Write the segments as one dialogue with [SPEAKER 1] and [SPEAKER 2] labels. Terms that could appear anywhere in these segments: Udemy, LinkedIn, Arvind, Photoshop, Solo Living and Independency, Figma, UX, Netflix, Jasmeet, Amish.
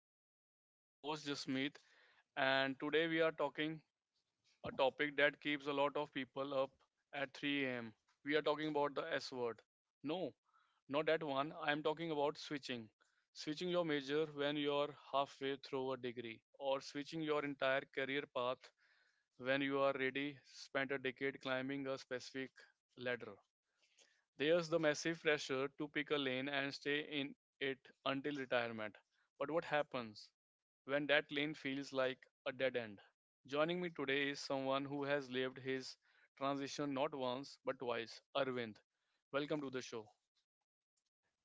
[SPEAKER 1] your host, Jasmeet, and today we are talking a topic that keeps a lot of people up at 3 a.m. We are talking about the S word. No, not that one. I'm talking about switching. Switching your major when you're halfway through a degree, or switching your entire career path when you are ready, spent a decade climbing a specific ladder. There's the massive pressure to pick a lane and stay in it until retirement. But what happens when that lane feels like a dead end? Joining me today is someone who has lived his transition not once but twice, Arvind. Welcome to the show.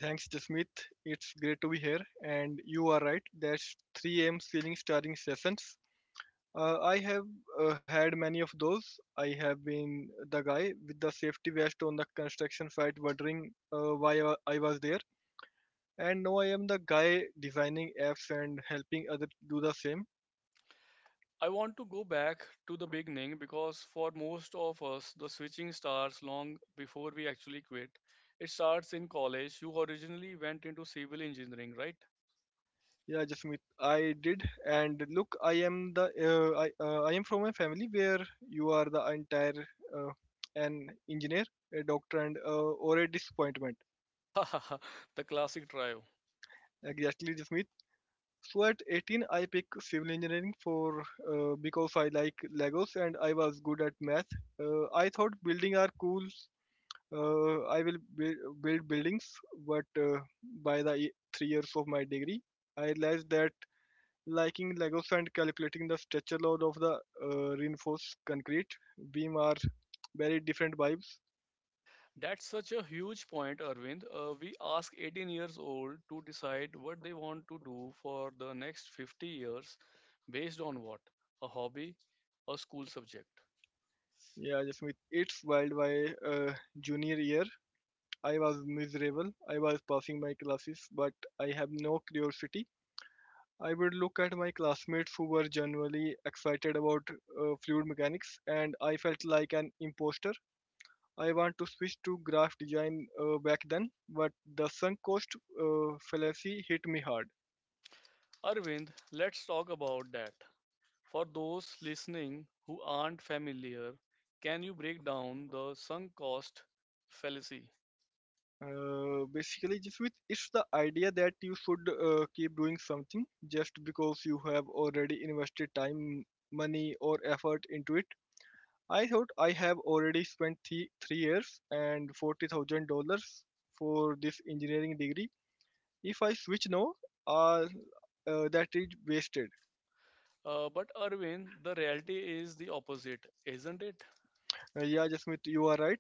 [SPEAKER 2] Thanks, Jasmeet. It's great to be here. And you are right, that's 3 a.m. ceiling starring sessions. I have had many of those. I have been the guy with the safety vest on the construction site wondering why I was there. And now I am the guy designing apps and helping others do the same.
[SPEAKER 1] I want to go back to the beginning because for most of us, the switching starts long before we actually quit. It starts in college. You originally went into civil engineering, right?
[SPEAKER 2] Yeah, Jasmeet, I did. And look, I am from a family where you are the entire uh, an engineer, a doctor, and or a disappointment.
[SPEAKER 1] The classic trio.
[SPEAKER 2] Exactly, Jasmeet. So at 18, I picked civil engineering for because I like Legos and I was good at math. I thought building are cool. Uh, I will build, buildings, but 3 years of my degree, I realized that liking Legos and calculating the structure load of the reinforced concrete beam are very different vibes.
[SPEAKER 1] That's such a huge point, Arvind. We ask 18 years old to decide what they want to do for the next 50 years based on what? A hobby, a school subject.
[SPEAKER 2] Yeah, Jasmeet, it's wild by junior year. I was miserable. I was passing my classes, but I have no curiosity. I would look at my classmates who were generally excited about fluid mechanics, and I felt like an imposter. I want to switch to graph design back then, but the sunk cost fallacy hit me hard.
[SPEAKER 1] Arvind, let's talk about that. For those listening who aren't familiar, can you break down the sunk cost fallacy?
[SPEAKER 2] Basically, just with it's the idea that you should keep doing something just because you have already invested time, money, or effort into it. I thought I have already spent three years and $40,000 for this engineering degree. If I switch now, uh, that is wasted.
[SPEAKER 1] But Arvind, the reality is the opposite, isn't it?
[SPEAKER 2] Yeah, Jasmeet, you are right.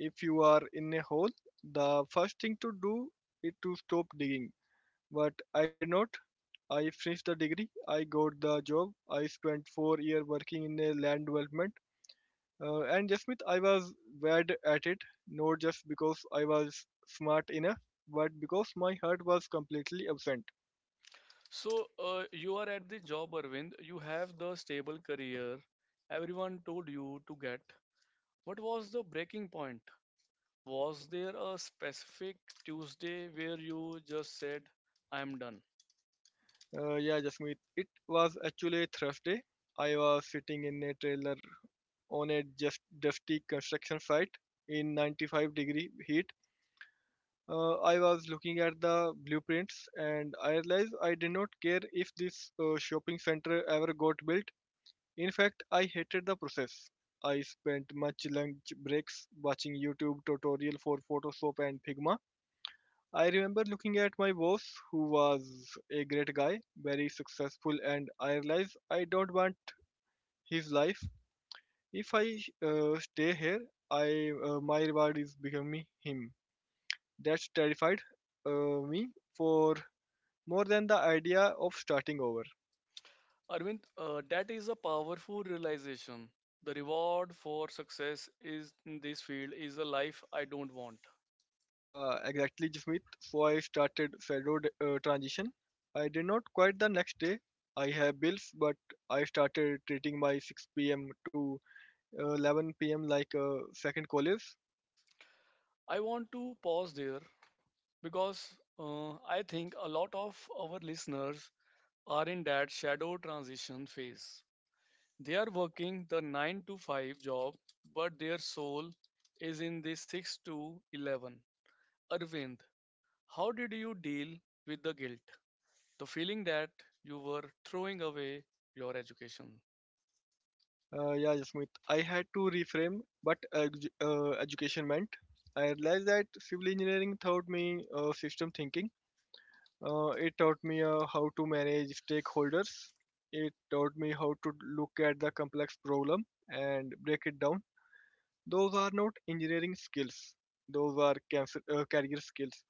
[SPEAKER 2] If you are in a hole, the first thing to do is to stop digging. But I did not. I finished the degree. I got the job. I spent 4 years working in a land development. And Jasmith, I was bad at it, not just because I was smart enough, but because my heart was completely absent.
[SPEAKER 1] So you are at the job, Arvind. You have the stable career everyone told you to get. What was the breaking point? Was there a specific Tuesday where you just said, I'm done?
[SPEAKER 2] Yeah, Jasmith, it was actually Thursday. I was sitting in a trailer on a just dusty construction site in 95-degree heat. I was looking at the blueprints and I realized I did not care if this shopping center ever got built. In fact, I hated the process. I spent much lunch breaks watching YouTube tutorial for Photoshop and Figma. I remember looking at my boss, who was a great guy, very successful, and I realized I don't want his life. If I stay here, I my reward is becoming him. That terrified me for more than the idea of starting over.
[SPEAKER 1] Arvind, that is a powerful realization. The reward for success is in this field is a life I don't want.
[SPEAKER 2] Exactly, Jasmeet. So I started federal transition. I did not quit the next day. I have bills, but I started treating my 6 p.m. to 11 p.m. like a second college.
[SPEAKER 1] I want to pause there because I think a lot of our listeners are in that shadow transition phase. They are working the 9 to 5 job, but their soul is in the 6 to 11. Arvind, how did you deal with the guilt? The feeling that you were throwing away your education.
[SPEAKER 2] Yeah, Jasmeet. I had to reframe what education meant. I realized that civil engineering taught me system thinking. It taught me how to manage stakeholders. It taught me how to look at the complex problem and break it down. Those are not engineering skills. Those are career skills.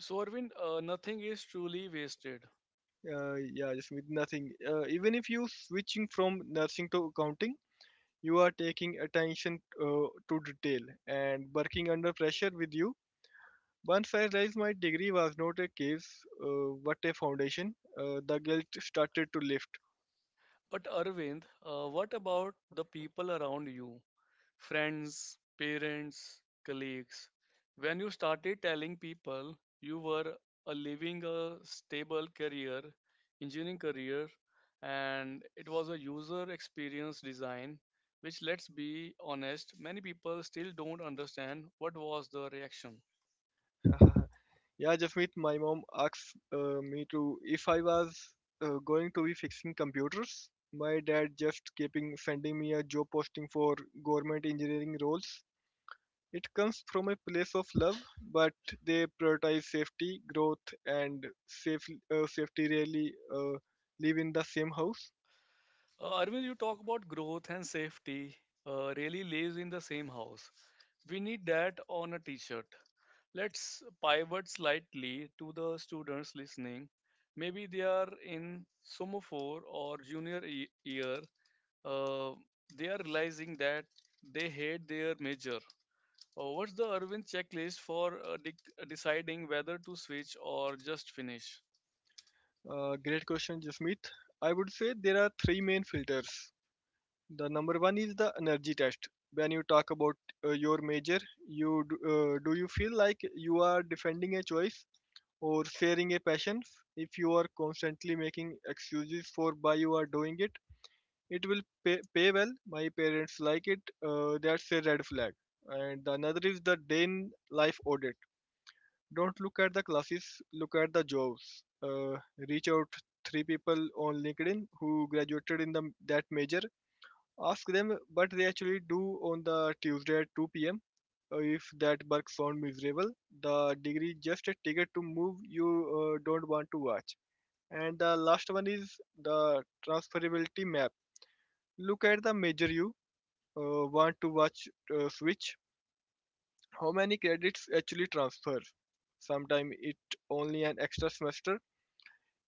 [SPEAKER 1] So, Arvind, nothing is truly wasted.
[SPEAKER 2] Yeah, just with nothing. Even if you switching from nursing to accounting, you are taking attention to detail and working under pressure with you. Once I realized my degree was not a case, but a foundation, the guilt started to lift.
[SPEAKER 1] But, Arvind, what about the people around you? Friends, parents, colleagues. When you started telling people you were living a stable career, engineering career, and it was a user experience design, which, let's be honest, many people still don't understand, what was the reaction?
[SPEAKER 2] Yeah, Jasmeet, my mom asked me to if I was going to be fixing computers. My dad just keeping sending me a job posting for government engineering roles. It comes from a place of love, but they prioritize safety, growth, and safety really live in the same house.
[SPEAKER 1] Arvind, you talk about growth and safety really lives in the same house. We need that on a t-shirt. Let's pivot slightly to the students listening. Maybe they are in sophomore or year. Uh, they are realizing that they hate their major. What's the Arvind checklist for deciding whether to switch or just finish?
[SPEAKER 2] Great question, Jasmeet. I would say there are three main filters. The number one is the energy test. When you talk about your major, do you feel like you are defending a choice or sharing a passion? If you are constantly making excuses for why you are doing it, it will pay well. My parents like it. That's a red flag. And the another is the day in life audit. Don't look at the classes, look at the jobs. Reach out three people on LinkedIn who graduated in the that major. Ask them, but they actually do on the Tuesday at 2 pm. If that work sound miserable, the degree just a ticket to move you don't want to watch. And the last one is the transferability map. Look at the major you want to watch switch. How many credits actually transfer? Sometimes it only an extra semester.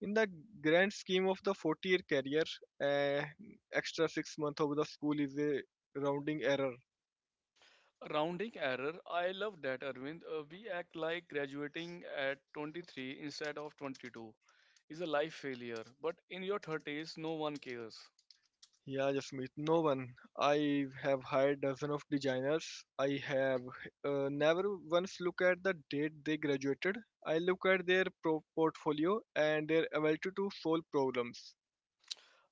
[SPEAKER 2] In the grand scheme of the 40-year career, uh, extra 6 month of the school is a rounding error.
[SPEAKER 1] Rounding error. I love that, Arvind. We act like graduating at 23 instead of 22 is a life failure. But in your 30s, no one cares.
[SPEAKER 2] Yeah, Jasmeet, no one. I have hired dozen of designers. I have never once look at the date they graduated. I look at their portfolio and their ability to solve problems.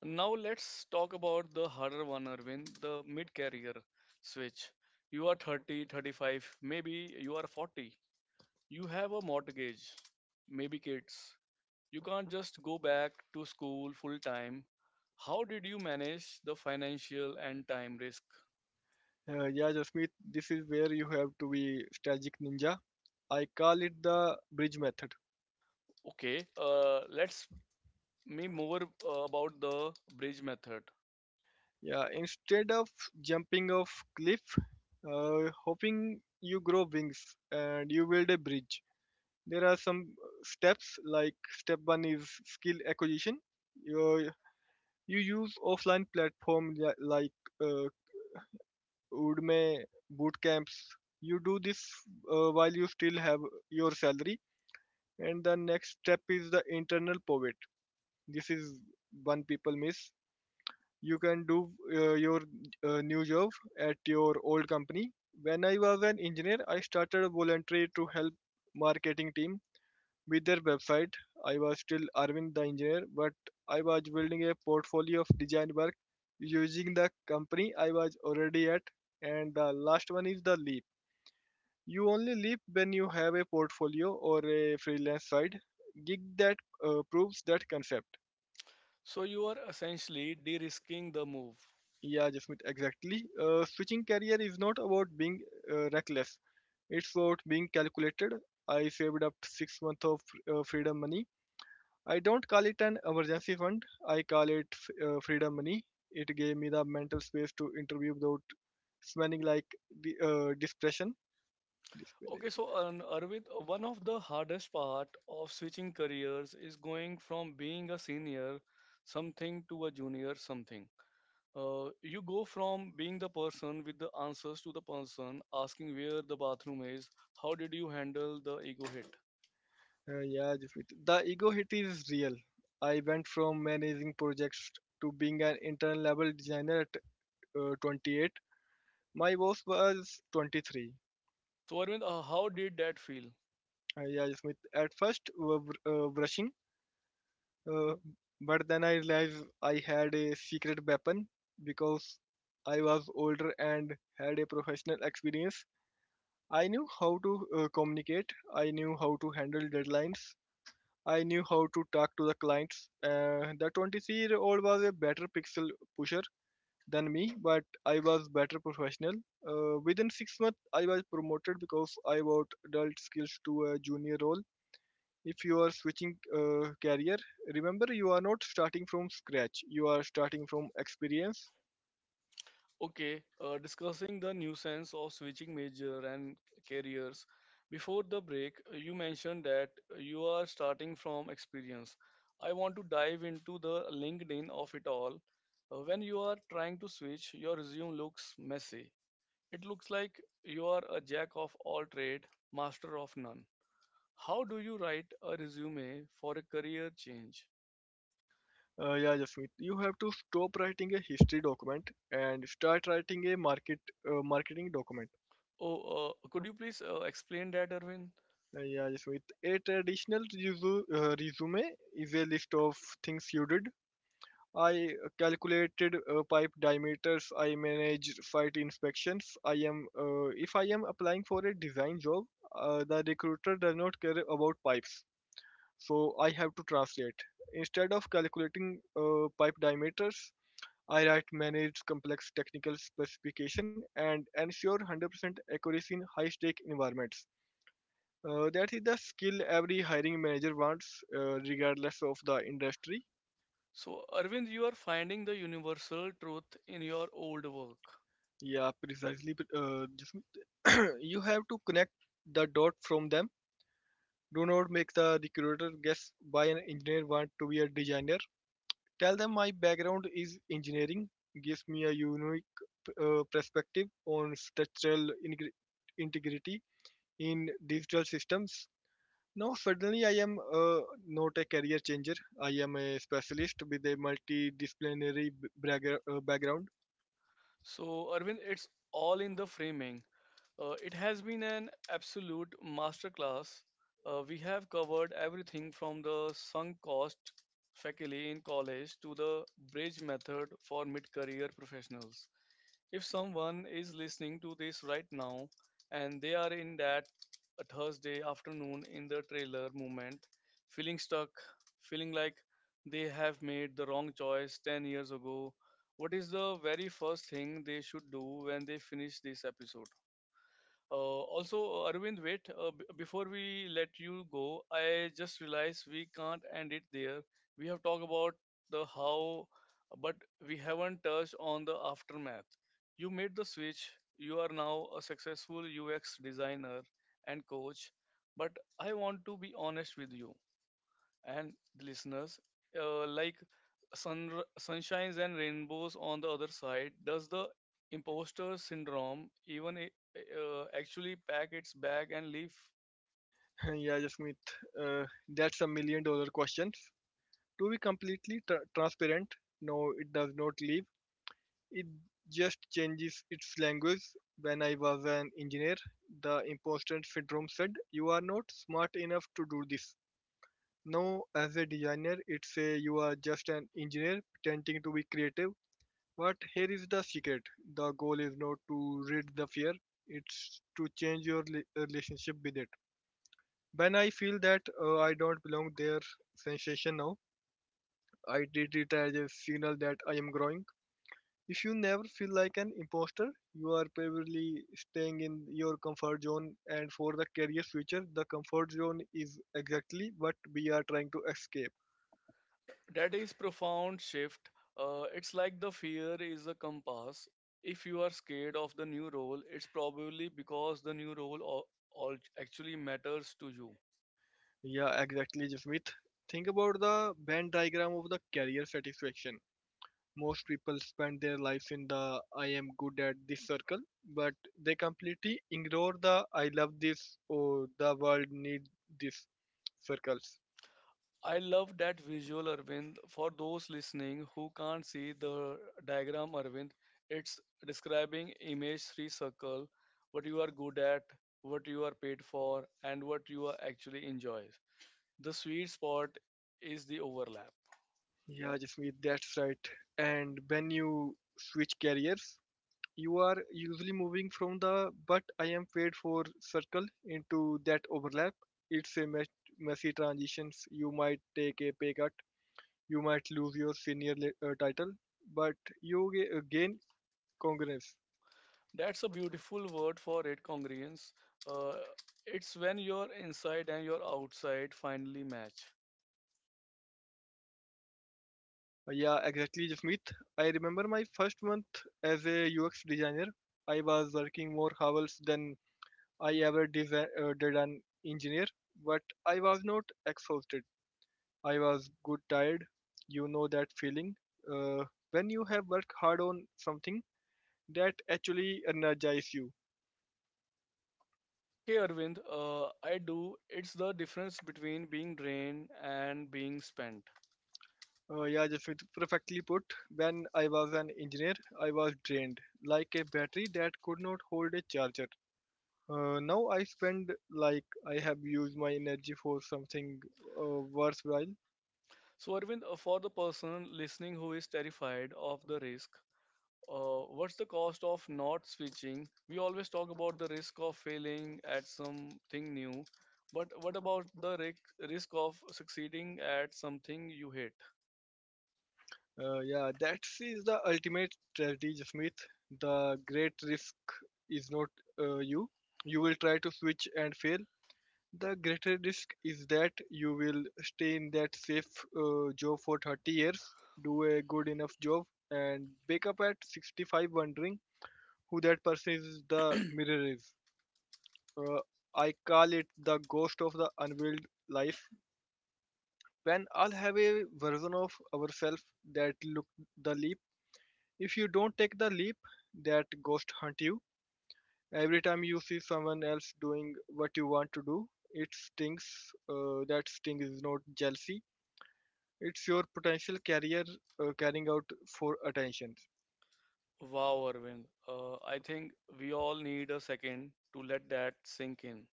[SPEAKER 1] Now let's talk about the harder one, Arvind, the mid-career switch. You are 30, 35, maybe you are 40. You have a mortgage, maybe kids. You can't just go back to school full time. How did you manage the financial and time risk?
[SPEAKER 2] Yeah, Jasmeet, this is where you have to be strategic ninja. I call it the bridge method.
[SPEAKER 1] Okay, let's me more about the bridge method.
[SPEAKER 2] Yeah, instead of jumping off cliff, hoping you grow wings and you build a bridge. There are some steps like step one is skill acquisition. you, you use offline platform like uh, udemy boot camps. You do this while you still have your salary. And the next step is the internal pivot. This is one people miss. You can do your new job at your old company. When I was an engineer, I started voluntary to help marketing team with their website. I was still Arvind the engineer, but I was building a portfolio of design work using the company I was already at. And the last one is the leap. You only leap when you have a portfolio or a freelance side gig that proves that concept.
[SPEAKER 1] So you are essentially de-risking the move.
[SPEAKER 2] Yeah, Jasmeet, exactly. Switching career is not about being reckless. It's about being calculated. I saved up 6 months of freedom money. I don't call it an emergency fund. I call it freedom money. It gave me the mental space to interview without smelling like the dispersion.
[SPEAKER 1] Okay,
[SPEAKER 2] Desperation.
[SPEAKER 1] so Arvind, one of the hardest part of switching careers is going from being a senior something to a junior something. You go from being the person with the answers to the person asking where the bathroom is, how did you handle the ego hit?
[SPEAKER 2] Yeah, just the ego hit is real. I went from managing projects to being an intern level designer at 28. My boss was 23.
[SPEAKER 1] So Arvind, how did that feel?
[SPEAKER 2] Yeah, Smith. At first, brushing. Uh, but then I realized I had a secret weapon because I was older and had a professional experience. I knew how to communicate, I knew how to handle deadlines, I knew how to talk to the clients. The 23-year-old was a better pixel pusher than me, but I was better professional. Within 6 months, I was promoted because I brought adult skills to a junior role. If you are switching career, remember you are not starting from scratch, you are starting from experience.
[SPEAKER 1] Okay, discussing the nuisance of switching major and careers. Before the break, you mentioned that you are starting from experience. I want to dive into the LinkedIn of it all. When you are trying to switch, your resume looks messy. It looks like you are a jack of all trade, master of none. How do you write a resume for a career change?
[SPEAKER 2] Yeah, Jasmeet, you have to stop writing a history document and start writing a marketing document.
[SPEAKER 1] Oh, could you please explain that, Erwin?
[SPEAKER 2] Yeah, Jasmeet, a traditional resume is a list of things you did. I calculated pipe diameters. I managed site inspections. I am If I am applying for a design job, the recruiter does not care about pipes. So I have to translate. Instead of calculating pipe diameters, I write manage complex technical specification and ensure 100% accuracy in high-stake environments. That is the skill every hiring manager wants, regardless of the industry.
[SPEAKER 1] So, Arvind, you are finding the universal truth in your old work.
[SPEAKER 2] Yeah, precisely. Jasmeet. You have to connect the dot from them. Do not make the recruiter guess why an engineer wants to be a designer. Tell them my background is engineering. Gives me a unique perspective on structural integrity in digital systems. Now, suddenly, I am not a career changer. I am a specialist with a multidisciplinary background.
[SPEAKER 1] So, Arvind, it's all in the framing. It has been an absolute masterclass. We have covered everything from the sunk cost faculty in college to the bridge method for mid career professionals. If someone is listening to this right now and they are in that Thursday afternoon in the trailer moment, feeling stuck, feeling like they have made the wrong choice 10 years ago, what is the very first thing they should do when they finish this episode? Also, Arvind, wait, before we let you go, I just realized we can't end it there. We have talked about the how, but we haven't touched on the aftermath. You made the switch, you are now a successful UX designer and coach, but I want to be honest with you and the listeners, like sun sunshines and rainbows on the other side. Does the imposter syndrome actually pack its bag and leave?
[SPEAKER 2] Yeah, Jasmeet, that's a million dollar question. To be completely transparent, no, it does not leave. It just changes its language. When I was an engineer, the imposter syndrome said, "You are not smart enough to do this." No, as a designer, it's a you are just an engineer pretending to be creative. But here is the secret: the goal is not to rid the fear; it's to change your relationship with it. When I feel that I don't belong there, sensation now, I treat it as a signal that I am growing. If you never feel like an imposter, you are probably staying in your comfort zone. And for the career future, the comfort zone is exactly what we are trying to escape.
[SPEAKER 1] That is profound shift. It's like the fear is a compass. If you are scared of the new role, it's probably because the new role actually matters to you.
[SPEAKER 2] Yeah, exactly, Jasmeet. Think about the Venn diagram of the career satisfaction. Most people spend their lives in the I am good at this circle, but they completely ignore the I love this or the world needs this circles.
[SPEAKER 1] I love that visual, Arvind. For those listening who can't see the diagram, Arvind, it's describing image three circle, what you are good at, what you are paid for, and what you are actually enjoys. The sweet spot is the overlap.
[SPEAKER 2] Yeah, Jasmeet, that's right. And when you switch careers, you are usually moving from the but I am paid for circle into that overlap. It's a messy transitions. You might take a pay cut. You might lose your senior title, but you gain congruence.
[SPEAKER 1] That's a beautiful word for it, congruence. Uh, it's when your inside and your outside finally match.
[SPEAKER 2] Yeah, exactly, Jasmeet. I remember my first month as a UX designer. I was working more hours than I ever did an engineer, but I was not exhausted. I was good tired. You know that feeling. Uh, when you have worked hard on something that actually energizes you.
[SPEAKER 1] Okay, Arvind, I do. It's the difference between being drained and being spent.
[SPEAKER 2] Yeah, perfectly put. When I was an engineer, I was drained like a battery that could not hold a charger. Now I spend like I have used my energy for something worthwhile.
[SPEAKER 1] So, Arvind, for the person listening who is terrified of the risk, what's the cost of not switching? We always talk about the risk of failing at something new, but what about the risk of succeeding at something you hate?
[SPEAKER 2] Yeah, that is the ultimate tragedy, Jasmeet. The great risk is not you. You will try to switch and fail. The greater risk is that you will stay in that safe job for 30 years, do a good enough job, and wake up at 65 wondering who that person is the mirror is. Uh, I call it the ghost of the unveiled life. When all have a version of ourselves that look the leap. If you don't take the leap, that ghost hunt you. Every time you see someone else doing what you want to do, it stings. That sting is not jealousy. It's your potential career carrying out for attention.
[SPEAKER 1] Wow, Arvind, I think we all need a second to let that sink in.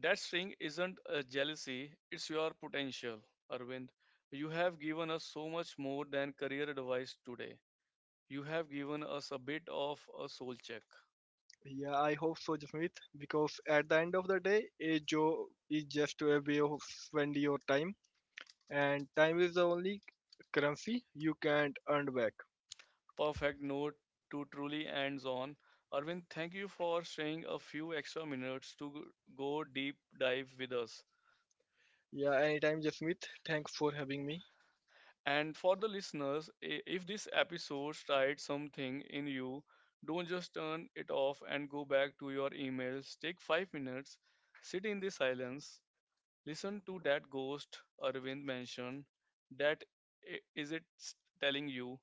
[SPEAKER 1] That string isn't a jealousy; it's your potential, Arvind. You have given us so much more than career advice today. You have given us a bit of a soul check.
[SPEAKER 2] Yeah, I hope so, Jasmeet, because at the end of the day, a job is just a way of spending your time, and time is the only currency you can't earn back.
[SPEAKER 1] Perfect note to truly end on. Arvind, thank you for staying a few extra minutes to go deep dive with us.
[SPEAKER 2] Yeah, anytime, Jasmeet. Thanks for having me.
[SPEAKER 1] And for the listeners, if this episode tried something in you, don't just turn it off and go back to your emails. Take 5 minutes, sit in the silence, listen to that ghost Arvind mentioned, that is it telling you.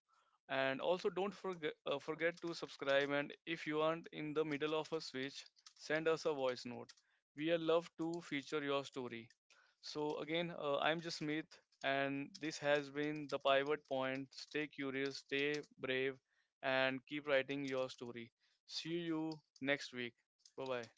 [SPEAKER 1] And also, don't forget, forget to subscribe. And if you aren't in the middle of a switch, send us a voice note. We are love to feature your story. So, again, I'm just Smith, and this has been the pivot point. Stay curious, stay brave, and keep writing your story. See you next week. Bye bye.